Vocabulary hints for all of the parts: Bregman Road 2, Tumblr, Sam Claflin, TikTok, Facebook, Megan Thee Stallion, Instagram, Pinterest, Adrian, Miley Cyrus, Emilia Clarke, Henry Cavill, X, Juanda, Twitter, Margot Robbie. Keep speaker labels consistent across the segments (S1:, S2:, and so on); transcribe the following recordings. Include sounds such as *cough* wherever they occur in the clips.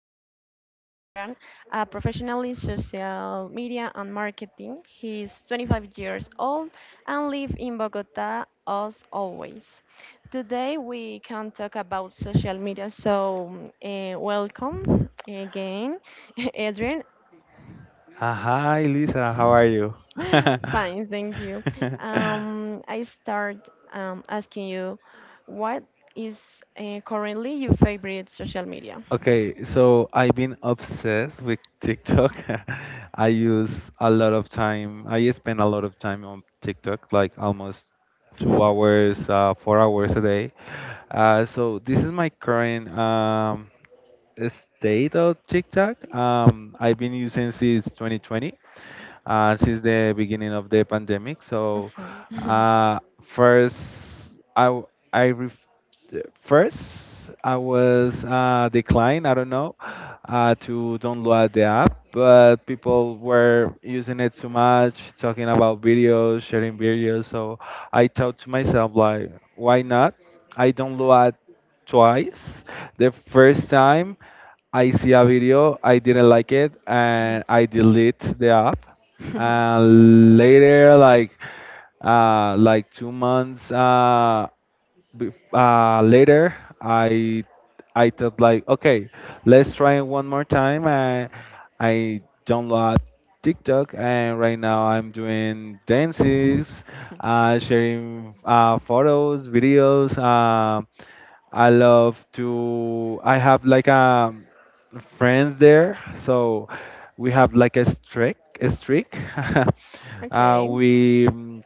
S1: of the day is Adrian, a professional in social media and marketing. He is 25 years old and lives in Bogota as always. Today we can talk about social media, so welcome again, *laughs* Adrian.
S2: Hi, Lisa. How are you? *laughs*
S1: *laughs* Fine, thank you. I start asking you, what is currently your favorite social media?
S2: Okay, so I've been obsessed with TikTok. *laughs* I use a lot of time. I spend a lot of time on TikTok, like almost 2 hours, 4 hours a day. So this is my current state of TikTok. I've been using since 2020, since the beginning of the pandemic. So
S1: Mhm.
S2: uh, first, I w- I ref- first I was declined. I don't know, to download the app, but people were using it too much, talking about videos, sharing videos. So I thought to myself, like, why not? I download twice. The first time I see a video, I didn't like it, and I delete the app.
S1: *laughs*
S2: And later, like, like 2 months, later, i I thought, like, okay, let's try it one more time. I download TikTok, and right now I'm doing dances, sharing photos, videos. I love to I have like a friends there. So we have like a streak, a streak. *laughs*
S1: Okay.
S2: We,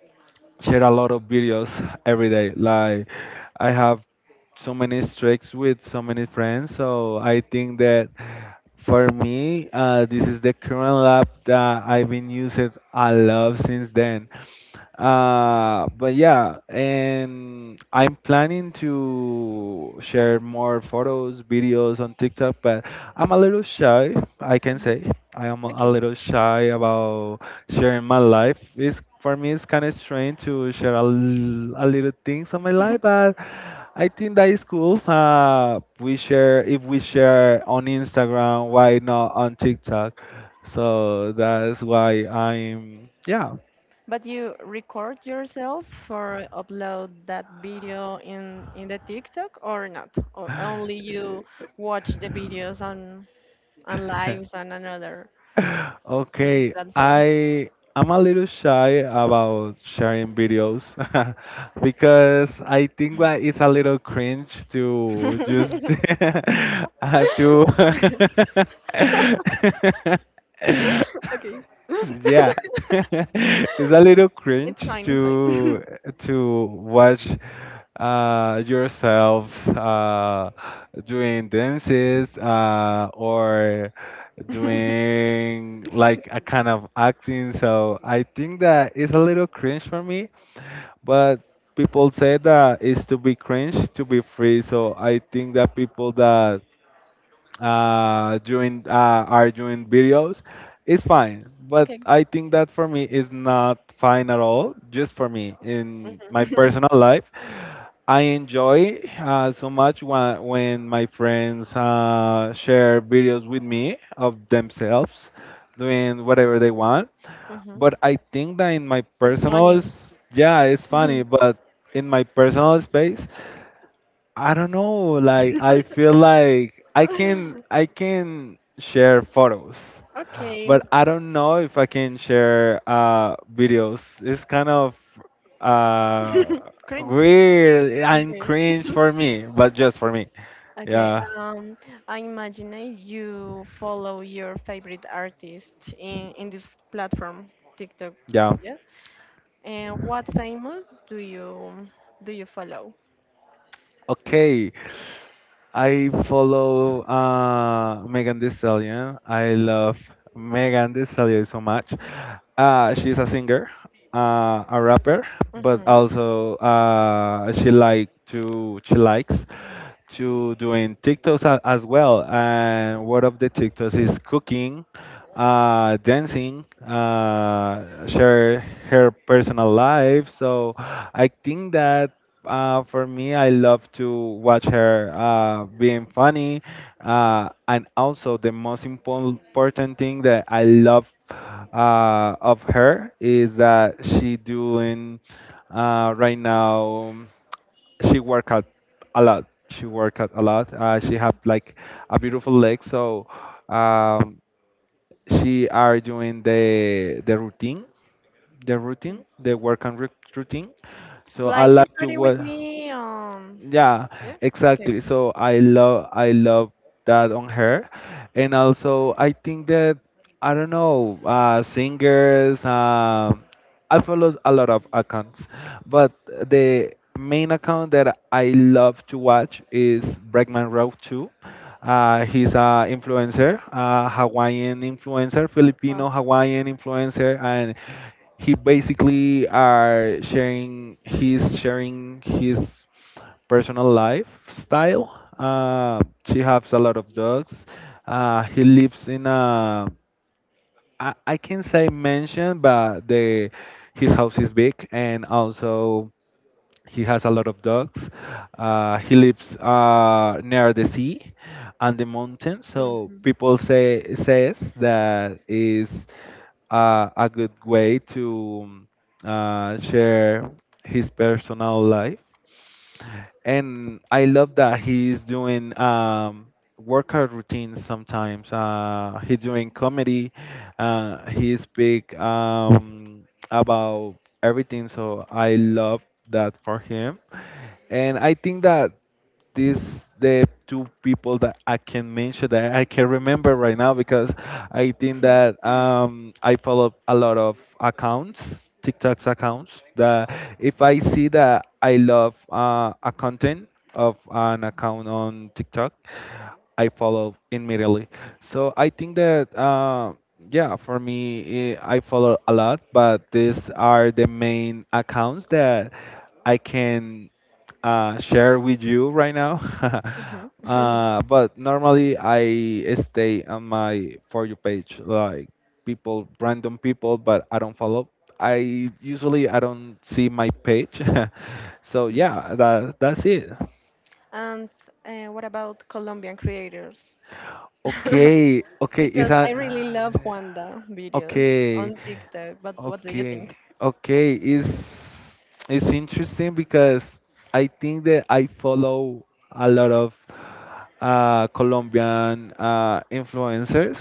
S2: share a lot of videos every day. Like, I have so many streaks with so many friends, so I think that for me, this is the current lab that I've been using a lot since then. But yeah, and I'm planning to share more photos, videos on TikTok, but I'm a little shy, I can
S1: Mhm.
S2: say. I am a
S1: Okay.
S2: little shy about sharing my life. Is for me it's kind of strange to share a little things of my life,
S1: *laughs*
S2: but I think that is cool. We share, if we share on Instagram, why not on TikTok? So that's why I'm, yeah.
S1: But you record yourself or upload that video in the TikTok or not? Or only you watch the videos on lives
S2: *laughs*
S1: and another in this
S2: Okay,
S1: platform?
S2: I'm a little shy about sharing videos, *laughs* because I think that it's a little cringe to just, *laughs* to, *laughs*
S1: *laughs* *laughs* Okay. *laughs*
S2: yeah, *laughs* it's a little
S1: It's
S2: cringe
S1: fine, it's fine.
S2: to watch, yourself, doing dances, or
S1: *laughs*
S2: doing like a kind of acting. So I think that it's a little cringe for me, but people say that it's to be cringe to be free. So I think that people that, doing are doing videos, it's fine, but
S1: Okay.
S2: I think that for me is not fine at all, just for me. In my
S1: Mhm.
S2: personal life, I enjoy, so much, when my friends share videos with me of themselves doing whatever they want,
S1: *laughs* Mhm.
S2: but I think that in my
S1: It's
S2: personal
S1: funny.
S2: yeah, it's funny,
S1: Mhm.
S2: but in my personal space, I don't know. Like, I feel
S1: *laughs*
S2: like I can share photos,
S1: Okay.
S2: but I don't know if I can share, videos. It's kind of, uh,
S1: *laughs* Cringe.
S2: weird and
S1: Okay.
S2: cringe for me, but just for me.
S1: Okay,
S2: Yeah,
S1: um, I imagine you follow your favorite artist in this platform, TikTok.
S2: yeah.
S1: Yeah. And what famous do you follow?
S2: Okay. I follow, Megan Thee Stallion. I love Megan Thee Stallion so much. She's a singer, a rapper, but
S1: Mm-hmm.
S2: also she likes to doing TikToks, as well. And one of the TikToks is cooking, dancing, share her personal life. So I think that. For me, I love to watch her, being funny, and also the most important thing that I love of her is that she doing, right now. She work out a lot. She work out a lot. She have like a beautiful leg, so um, she are doing the routine, the routine, the work and routine. So I
S1: Like get
S2: like to
S1: ready with
S2: work.
S1: me.
S2: Yeah,
S1: Yeah. Okay.
S2: exactly. So I love that on her. And also I think that I don't know, singers, I follow a lot of accounts, but the main account that I love to watch is Bregman Road 2. He's a
S1: Mhm.
S2: influencer, a Hawaiian influencer,
S1: Wow.
S2: Filipino Hawaiian influencer, and he's sharing his personal lifestyle. Uh, she has a lot of dogs. He lives in a, I can say, mansion, but the his house is big, and also he has a lot of dogs. He lives, near the sea and the mountain, so
S1: Mm-hmm.
S2: people says that is, a good way to, share his personal life. And I love that he's doing, workout routines sometimes. He's doing comedy. He speak, about everything. So I love that for him. And I think that these the two people that I can mention that I can remember right now, because I think that, I follow a lot of accounts, TikTok's accounts. That if I see that I love, a content of an account on TikTok, I follow immediately. So I think that, yeah, for me, I follow a lot, but these are the main accounts that I can, share with you right now. *laughs*
S1: Mm-hmm. *laughs*
S2: But normally I stay on my for you page, like people, random people, but I don't follow. I don't see my page. *laughs* So yeah, that's it.
S1: And what about Colombian creators?
S2: Okay,
S1: *laughs*
S2: okay, is
S1: Because I
S2: that
S1: really love Juanda videos
S2: okay?
S1: on TikTok. But what do you
S2: Okay,
S1: think?
S2: okay, it's interesting because I think that I follow a lot of, Colombian, influencers.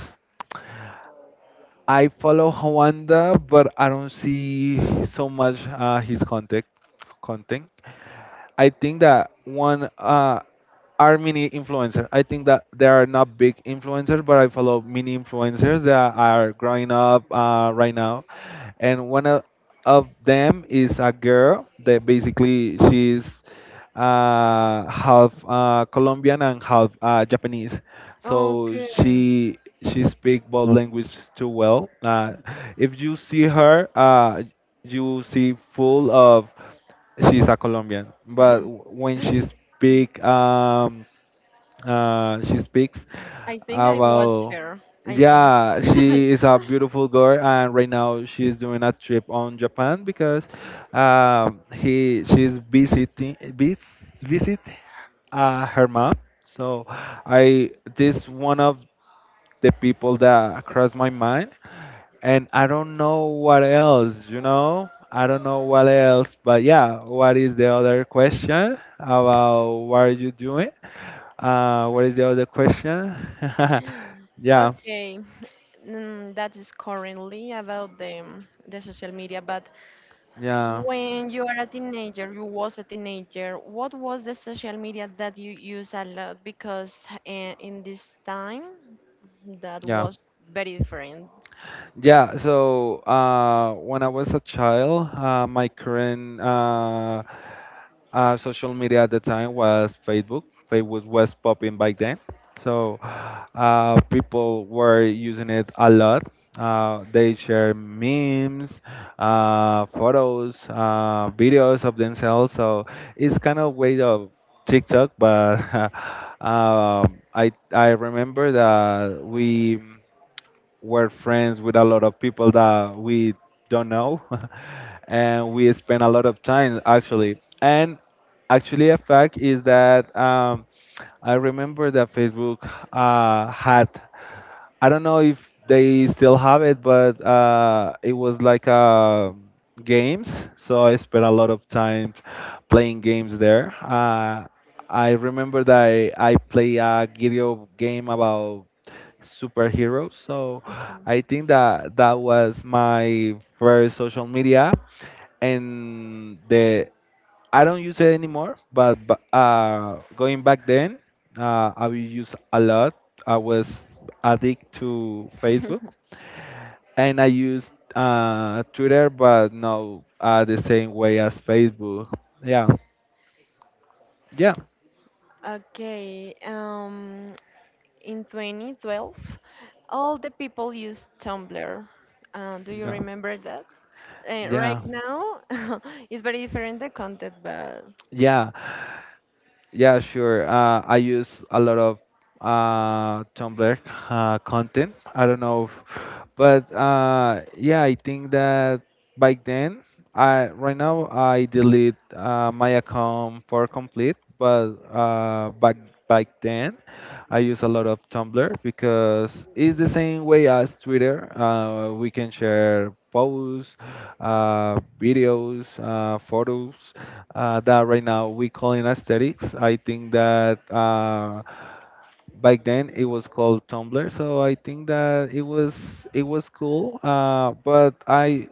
S2: I follow Juanda, but I don't see so much his content. I think that one, are mini influencers. I think that they are not big influencers, but I follow mini influencers that are growing up, right now, and one of them is a girl that basically she's, half, Colombian and half, Japanese, so
S1: Okay.
S2: she speak both language too well. If you see her, you see full of, she's a Colombian, but
S1: *laughs*
S2: when she speak, she speaks
S1: I think I watch
S2: about,
S1: her. I think.
S2: yeah,
S1: *laughs*
S2: she is a beautiful girl, and right now she's doing a trip on Japan because, he she's visit her mom. So I this one of the people that crossed my mind, and I don't know what else, you know? I don't know what else, but yeah, what is the other question about what are you doing? What is the other question? *laughs* Yeah,
S1: Okay, mm, that is currently about the social media, but
S2: yeah,
S1: when you are a teenager, you was a teenager, what was the social media that you use a lot? Because in this time, that
S2: yeah,
S1: was very different.
S2: yeah. So, when I was a child, my current, social media at the time was Facebook. Facebook was popping back then, so people were using it a lot. They share memes, photos, videos of themselves. So it's kind of way of TikTok, but *laughs* I remember that we're friends with a lot of people that we don't know. *laughs* And we spend a lot of time, actually, and actually a fact is that, I remember that Facebook, had, I don't know if they still have it, but it was like, games. So I spent a lot of time playing games there. I remember that I play a video game about superheroes. So
S1: Mhm.
S2: I think that that was my first social media app, and the I don't use it anymore. But going back then, I will use a lot. I was addicted to Facebook,
S1: *laughs*
S2: and I used, Twitter, but not, the same way as Facebook. Yeah, yeah,
S1: Okay, in 2012, all the people used Tumblr. Do you
S2: yeah,
S1: remember that? Right
S2: yeah,
S1: now, *laughs* it's very different the content, but
S2: yeah. Yeah, sure. I use a lot of, Tumblr, content. I don't know, but, yeah, I think that back then, I right now I delete, my account for complete, but back then, I use a lot of Tumblr because it's the same way as Twitter. We can share posts, videos, photos, that right now we call in aesthetics. I think that, back then it was called Tumblr, so I think that it was cool. But I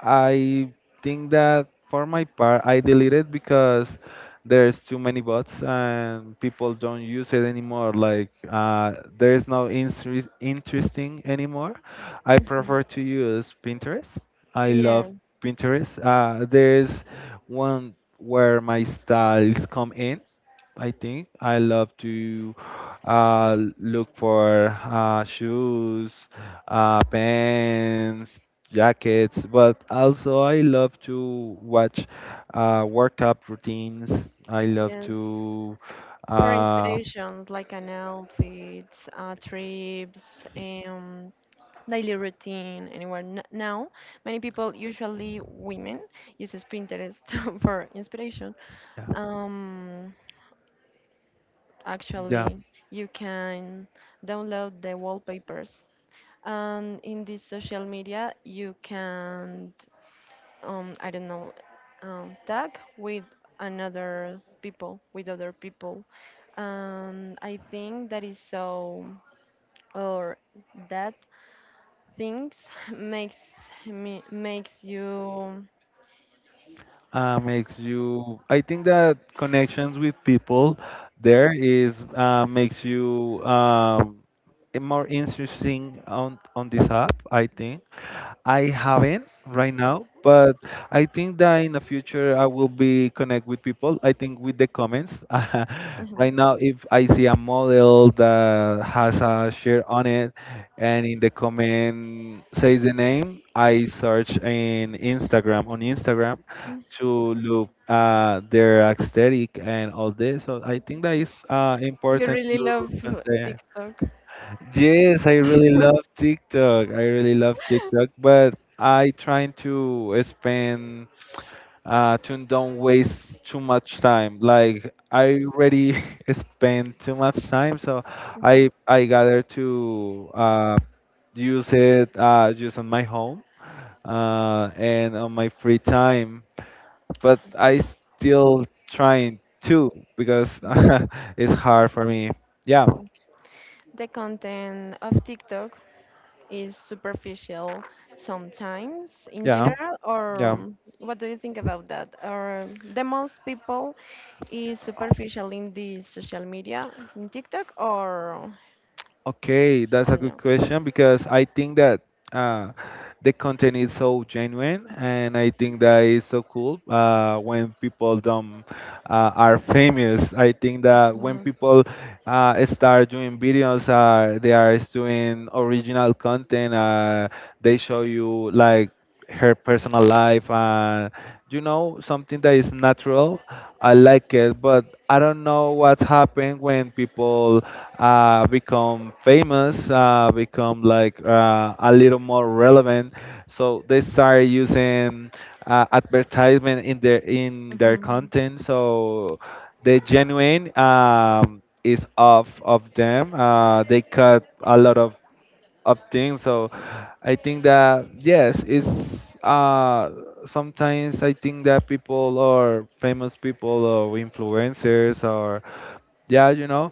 S2: I think that for my part I deleted because there's too many bots and people don't use it anymore. Like, there's no interesting anymore. I prefer to use Pinterest. I love
S1: yeah,
S2: Pinterest. There's one where my styles come in. I think I love to, look for, shoes, pants, jackets, but also I love to watch, workout routines. I love
S1: yes.
S2: to,
S1: For
S2: uh,
S1: inspirations like an outfit, trips, daily routine, anywhere. N- now, many people, usually women, uses Pinterest *laughs* for inspiration.
S2: yeah,
S1: Um,
S2: yeah,
S1: actually, you can download the wallpapers, and in this social media, you can I don't know tag with another people with other people. I think that is so or that things *laughs* makes me makes you
S2: makes you. I think that connections with people there is, makes you, more interesting on this app. I think I haven't right now, but I think that in the future I will be connect with people. I think, with the comments. *laughs*
S1: mhm.
S2: Right now, if I see a model that has a share on it, and in the comment says the name, I search in Instagram, on Instagram, to look, their aesthetic and all this. So I think that is,
S1: You
S2: important
S1: really
S2: to
S1: love
S2: contain.
S1: TikTok.
S2: Yes, I really love
S1: *laughs*
S2: TikTok. I really love TikTok, but I trying to spend, to don't waste too much time. Like, I already *laughs* spend too much time, so I
S1: Mhm.
S2: I gather to, use it, just on my home, and on my free time. But I still trying to, because *laughs* it's hard for me. Yeah,
S1: The content of TikTok is superficial sometimes in
S2: yeah,
S1: general, or
S2: yeah.
S1: what do you think about that? Or the most people is superficial in the social media, in TikTok
S2: Okay, that's a
S1: or
S2: good
S1: no?
S2: question because I think that uh, the content is so genuine, and I think that is so cool when people don't are famous. I think that when
S1: Mhm,
S2: people start doing videos, they are doing original content. They show you like her personal life and you know something that is natural. I like it, but I don't know what's happened when people become famous, become like a little more relevant. So they start using advertisement in their
S1: mhm,
S2: content. So the genuine is off of them. They cut a lot of things. So I think that yes, it's sometimes I think that people or famous people or influencers or yeah,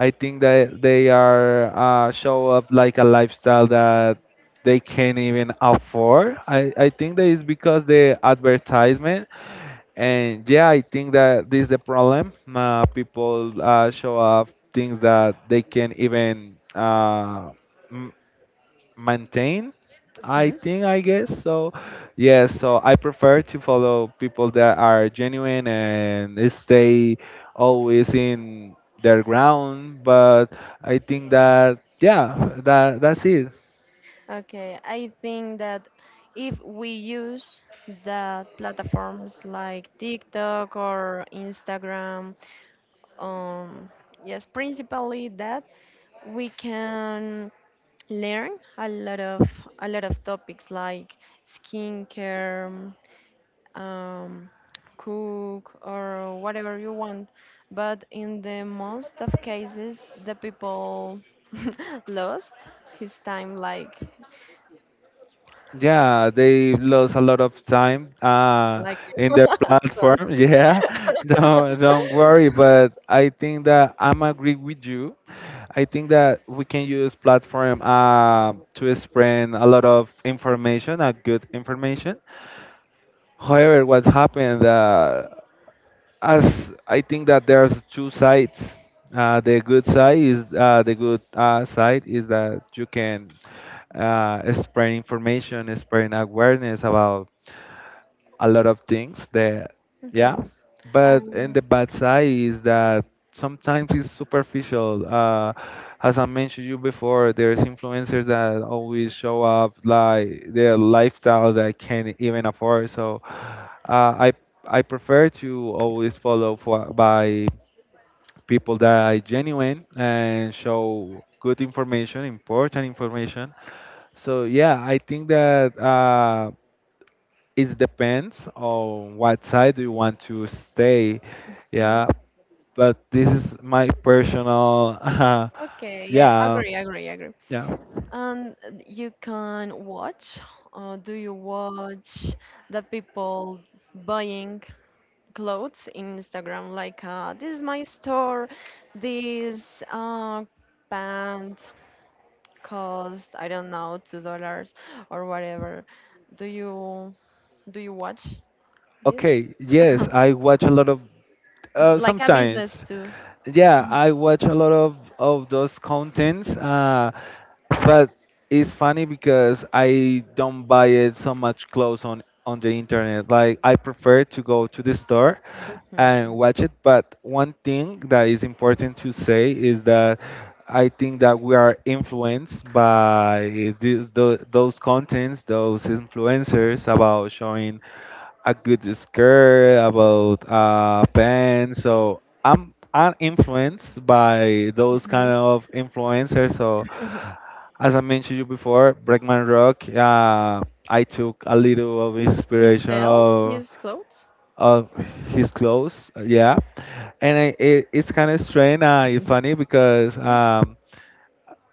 S2: I think that they are, show up like a lifestyle that they can't even afford. I think that is because the advertisement, and yeah, I think that this is the problem. People, show up things that they can't even m- maintain. I
S1: mhm.
S2: think, I guess so. Yeah, so I prefer to follow people that are genuine and stay always in their ground, but I think that yeah, that's it.
S1: Okay, I think that if we use the platforms like TikTok or Instagram, um, yes, principally that we can learn a lot of a lot of topics like skincare, um, cook or whatever you want. But in the most of cases, the people *laughs* lost his time,
S2: Yeah, they lost a lot of time,
S1: like you.
S2: in
S1: *laughs*
S2: their
S1: Sorry.
S2: platform. *laughs* Yeah,
S1: *laughs*
S2: don't worry, but I think that I'm agree with you. I think that we can use platform to spread a lot of information, a good information. However, what happened as I think that there's two sides. The good side is that you can spread information, spread awareness about a lot of things. That yeah,
S1: Okay.
S2: but in the
S1: Um,
S2: bad side is that sometimes it's superficial. As I mentioned you before, there's influencers that always show up like their lifestyle that I can't even afford. So uh, I I prefer to always follow for, by people that are genuine and show good information, important information. So yeah, I think that it depends on what side do you want to stay.
S1: mm,
S2: Yeah, but this is my personal *laughs*
S1: okay, I
S2: yeah,
S1: agree, agree, agree.
S2: yeah.
S1: And you can watch, or do you watch the people buying clothes in Instagram, like this is my store, this band cost I don't know $2 or whatever. Do you watch this?
S2: Okay, yes,
S1: *laughs*
S2: I watch a lot of,
S1: It's like a business
S2: sometimes.
S1: too.
S2: Yeah, I watch a lot of those contents, but it's funny because I don't buy it so much clothes on the internet. Like, I prefer to go to the store
S1: Hmm.
S2: and watch it. But one thing that is important to say is that I think that we are influenced by these, those contents, those influencers about showing a good skirt, about pants. So I'm influenced by those
S1: Hmm.
S2: kind of influencers. So
S1: *laughs*
S2: as I mentioned you before, Breakman Rock. I took a little of
S1: *clears throat* He
S2: inspiration
S1: sells his clothes.
S2: of his clothes. Yeah, and it's kind of strange, funny because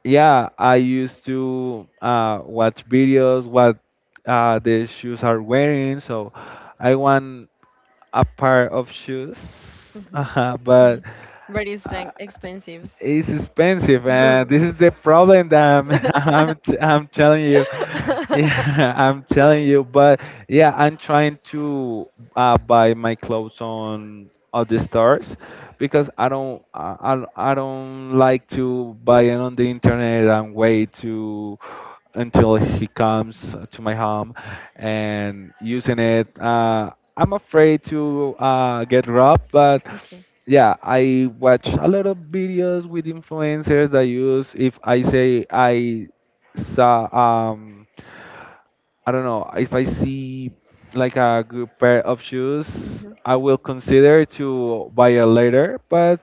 S2: yeah, I used to watch videos what the shoes are wearing. So I want a pair of shoes,
S1: Mhm.
S2: but
S1: Very
S2: uh,
S1: expen- expensive.
S2: it's expensive,
S1: *laughs* Okay.
S2: and this is the problem that I'm *laughs* I'm, t- I'm telling you. Yeah, *laughs* I'm telling you, but yeah, I'm trying to buy my clothes on other stores because I don't like to buy it on the internet and wait to until he comes to my home and using it. I'm afraid to get robbed, but yeah, I watch a lot of videos with influencers that use if I say I saw I don't know, if I see like a good pair of shoes,
S1: Mhm,
S2: I will consider to buy it later. But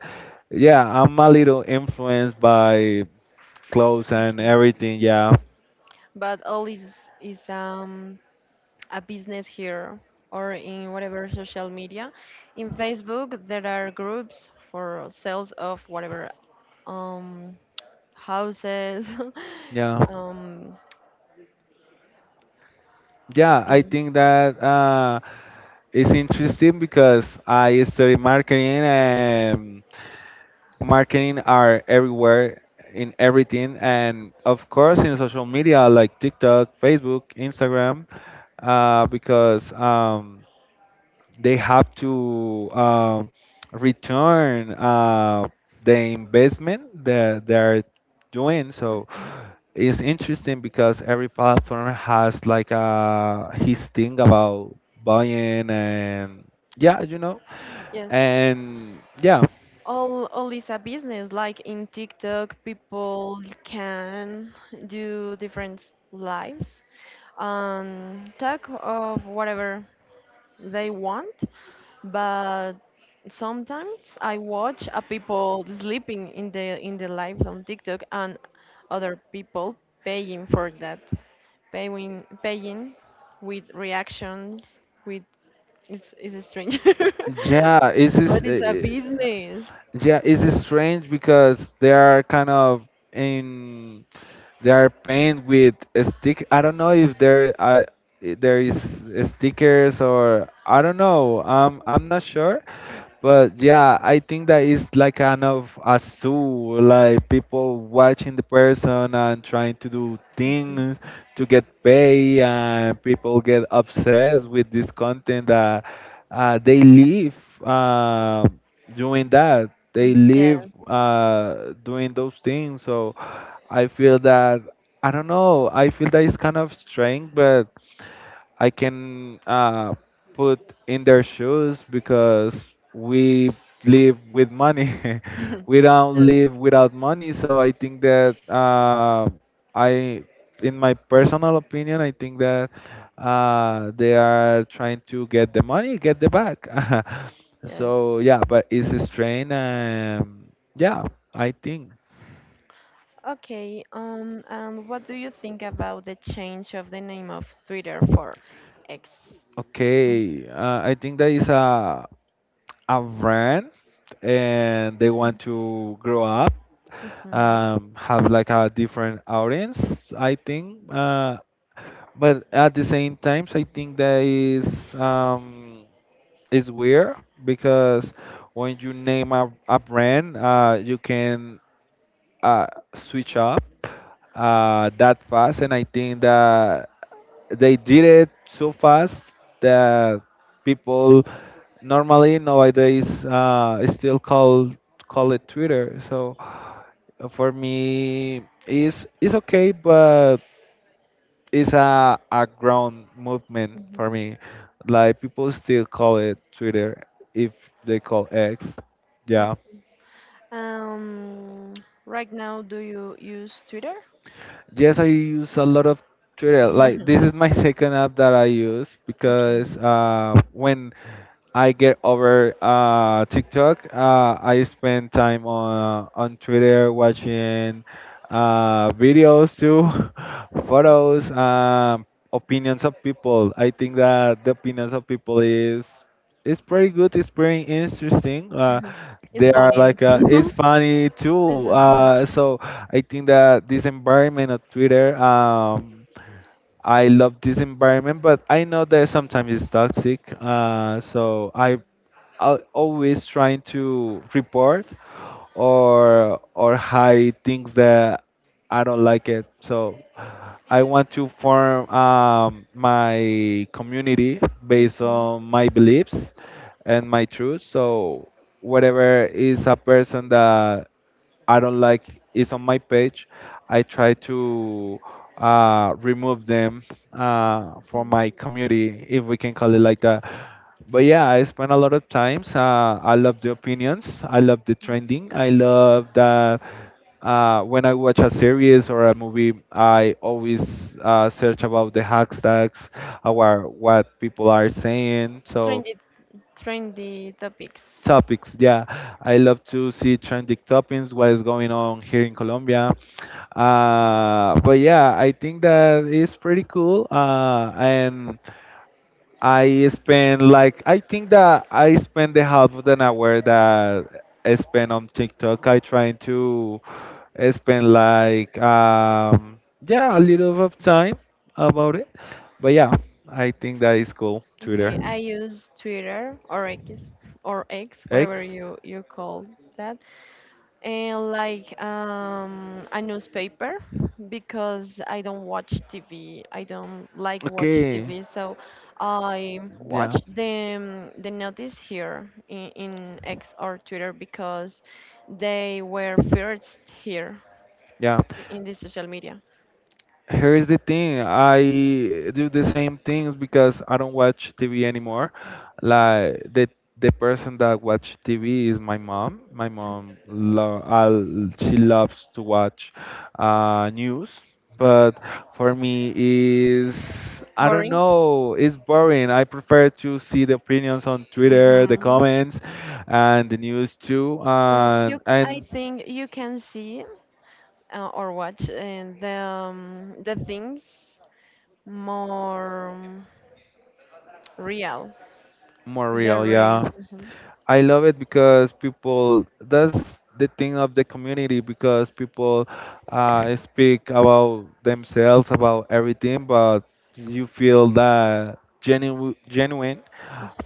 S2: yeah, I'm a little influenced by clothes and
S1: okay.
S2: everything. Yeah,
S1: But all is a business here or in whatever social media. In Facebook, there are groups for sales of whatever um, houses.
S2: yeah.
S1: *laughs* Um,
S2: Yeah, I
S1: thing.
S2: think that it's interesting because I study marketing, and marketing are everywhere in everything, and of course in social media like TikTok, Facebook, Instagram, because they have to return the investment that they're doing. So
S1: Mhm.
S2: it's interesting because every platform has like his thing about buying and yeah, you know,
S1: Yes,
S2: and yeah,
S1: all is a business. Like in TikTok, people can do different lives, talk of whatever they want, but sometimes I watch a people sleeping in the lives on TikTok and other people paying for that, paying with reactions with it's a stranger,
S2: yeah, it's
S1: *laughs* but
S2: just.
S1: it's a business.
S2: Yeah, it's strange because they are kind of in, they are painted with a stick. I don't know if there is stickers or I don't know. I'm not sure, but yeah, I think that it's like kind of a zoo, like people watching the person and trying to do
S1: Mhm.
S2: things to get paid, and people get obsessed with this content that they live uh, doing that. They
S1: Mhm.
S2: live
S1: Yeah.
S2: doing those things. So I feel that, I don't know, I feel that it's kind of strange, but. I can put in their shoes because we live with money. *laughs*
S1: *laughs*
S2: We don't
S1: Yes.
S2: live without money. So I think that I, in my personal opinion, I think that they are trying to get the money, get the back. *laughs*
S1: Yes.
S2: So yeah, but it's a strain. Yeah, I think.
S1: Okay. And what do you think about the change of the name of Twitter for X?
S2: Okay, I think that is a brand and they want to grow up,
S1: Mm-hmm.
S2: have like a different audience, I think. But at the same times, I think that is weird because when you name a brand, you can uh, switch up that fast, and I think that they did it so fast that people normally nowadays still call it Twitter. So for me, it's okay, but it's a ground movement
S1: Mm-hmm.
S2: for me. Like, people still call it Twitter if they call X. Yeah.
S1: Um, right now, do you use Twitter?
S2: Yes, I use a lot of Twitter. Like,
S1: *laughs*
S2: this is my second app that I use
S1: Okay,
S2: because when I get over TikTok. I spend time on on Twitter watching videos too, *laughs* photos, opinions of people. I think that the opinions of people is pretty good. It's pretty interesting.
S1: it's
S2: They are
S1: funny.
S2: like
S1: It's, *laughs*
S2: it's funny
S1: it's
S2: too.
S1: so fun.
S2: So I think that this environment of Twitter. I love this environment, but I know that sometimes it's toxic. So I always trying to report or hide things that I don't like it. So I want to form, my community based
S1: Mhm.
S2: on my beliefs and my truth. So whatever is a person that I don't like is on my page, I try to remove them from
S1: Okay.
S2: my community, if we can call it like that. But yeah, I spend a lot of times. I love the opinions. I love the trending. I love that when I watch a series or a movie, I always search about the hashtags, or what people are saying. So
S1: Trendy, trendy topics.
S2: topics. Yeah, I love to see trending topics, what is going on here in Colombia. But yeah, I think that is pretty cool. And I spend like, I think that I spend the half of an hour that I spend on TikTok. I trying to spend like yeah, a little of time about it. But yeah, I think that is cool. Twitter,
S1: Okay, I use Twitter or X, whatever
S2: X.
S1: you you call that. And like a newspaper because I don't watch TV. I don't like watch
S2: Okay,
S1: TV, so I
S2: yeah,
S1: watch the notice here in X or Twitter because they were first here
S2: yeah.
S1: I- in the social media.
S2: Here's the thing. I do the same things because I don't watch TV anymore. Like, the person that watch TV is my mom. She loves to watch news, but for me is, I don't
S1: Boring.
S2: know, it's boring. I prefer to see the opinions on Twitter, the
S1: Hmm.
S2: comments, and the news too,
S1: And you, I
S2: and
S1: think you can see or watch the things more real.
S2: more
S1: The
S2: real.
S1: real.
S2: Yeah.
S1: Mm-hmm.
S2: I love it because people, that's the thing of the community, because people speak about themselves, about everything, but you feel that genuine genuine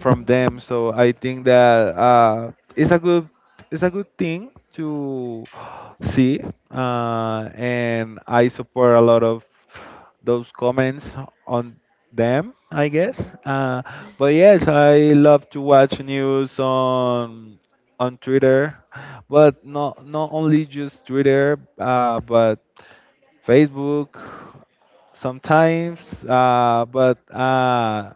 S2: from them. So I think that it's a good thing to see, and I support a lot of those comments on them. I guess, uh, but yes, I love to watch news on Twitter, but not only just Twitter, but Facebook sometimes, but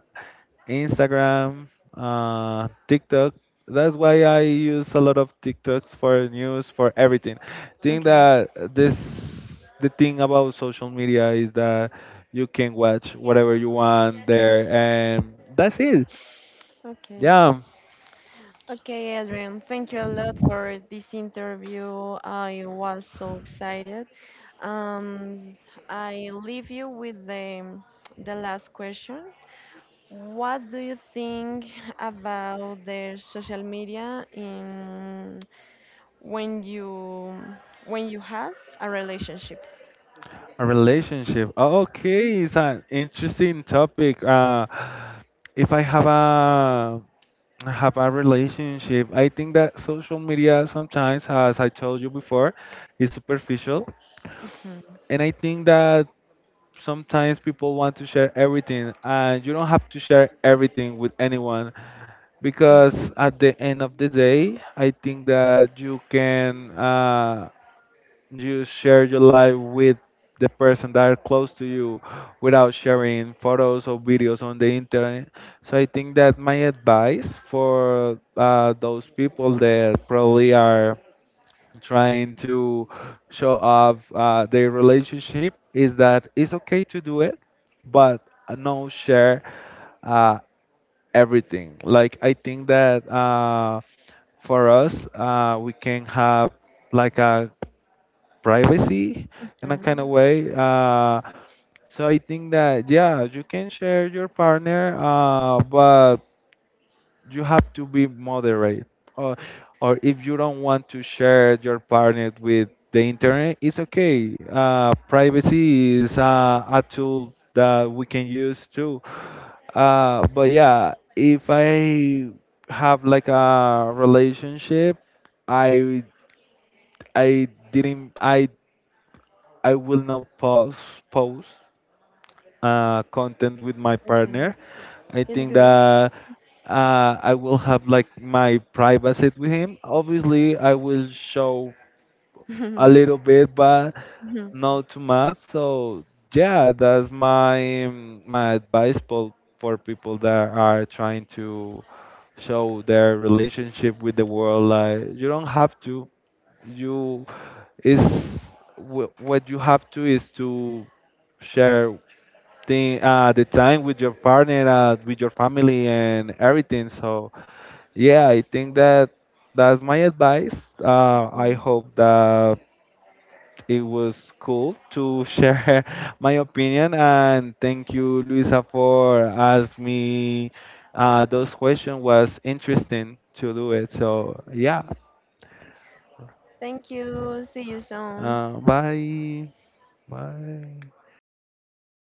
S2: Instagram, TikTok. That's why I use a lot of TikToks for news, for everything. Think
S1: Okay,
S2: that this the thing about social media is that you can watch whatever you want there, and that's it.
S1: okay.
S2: Yeah,
S1: Okay, Adrian, thank you a lot for this interview. I was so excited. Um, I leave you with the last question. What do you think about the social media in when you when you have a relationship?
S2: a relationship. Oh,
S1: Mhm.
S2: okay, it's an interesting topic. If I have a relationship, I think that social media, sometimes, as I told you before, is superficial, and I think that sometimes people want to share everything, and you don't have to share everything with anyone because,
S1: Mhm.
S2: at the end of the day, I think that you can you share your life with the person that are close to you without sharing photos or videos on the internet. So I think that my advice for those people that probably are trying to show off their relationship is that it's okay to do it, but no share uh, everything. Like, I think that for us, we can have like a privacy in a kind of
S1: Mhm.
S2: way. So I think that yeah, you can share your partner, but you have to be moderate or or if you don't want to share your partner with the internet, it's okay. Privacy is a tool that we can use too, but yeah, if I have like a relationship, I I didn't I will not post content with my partner. I
S1: It's
S2: think
S1: good.
S2: that I will have like my privacy with him. Obviously, I will show a little
S1: *laughs*
S2: bit, but
S1: Mhm.
S2: not too much. So yeah, that's my, my advice for people that are trying to show their relationship with the world. Like, you don't have to. You is what you have to is to share the time with your partner, with your family, and everything. So yeah, I think that that's my advice. I hope that it was cool to share *laughs* my opinion, and thank you, Luisa, for asking me those questions. Was interesting to do it. So yeah,
S1: Thank you. See you soon.
S2: bye, bye.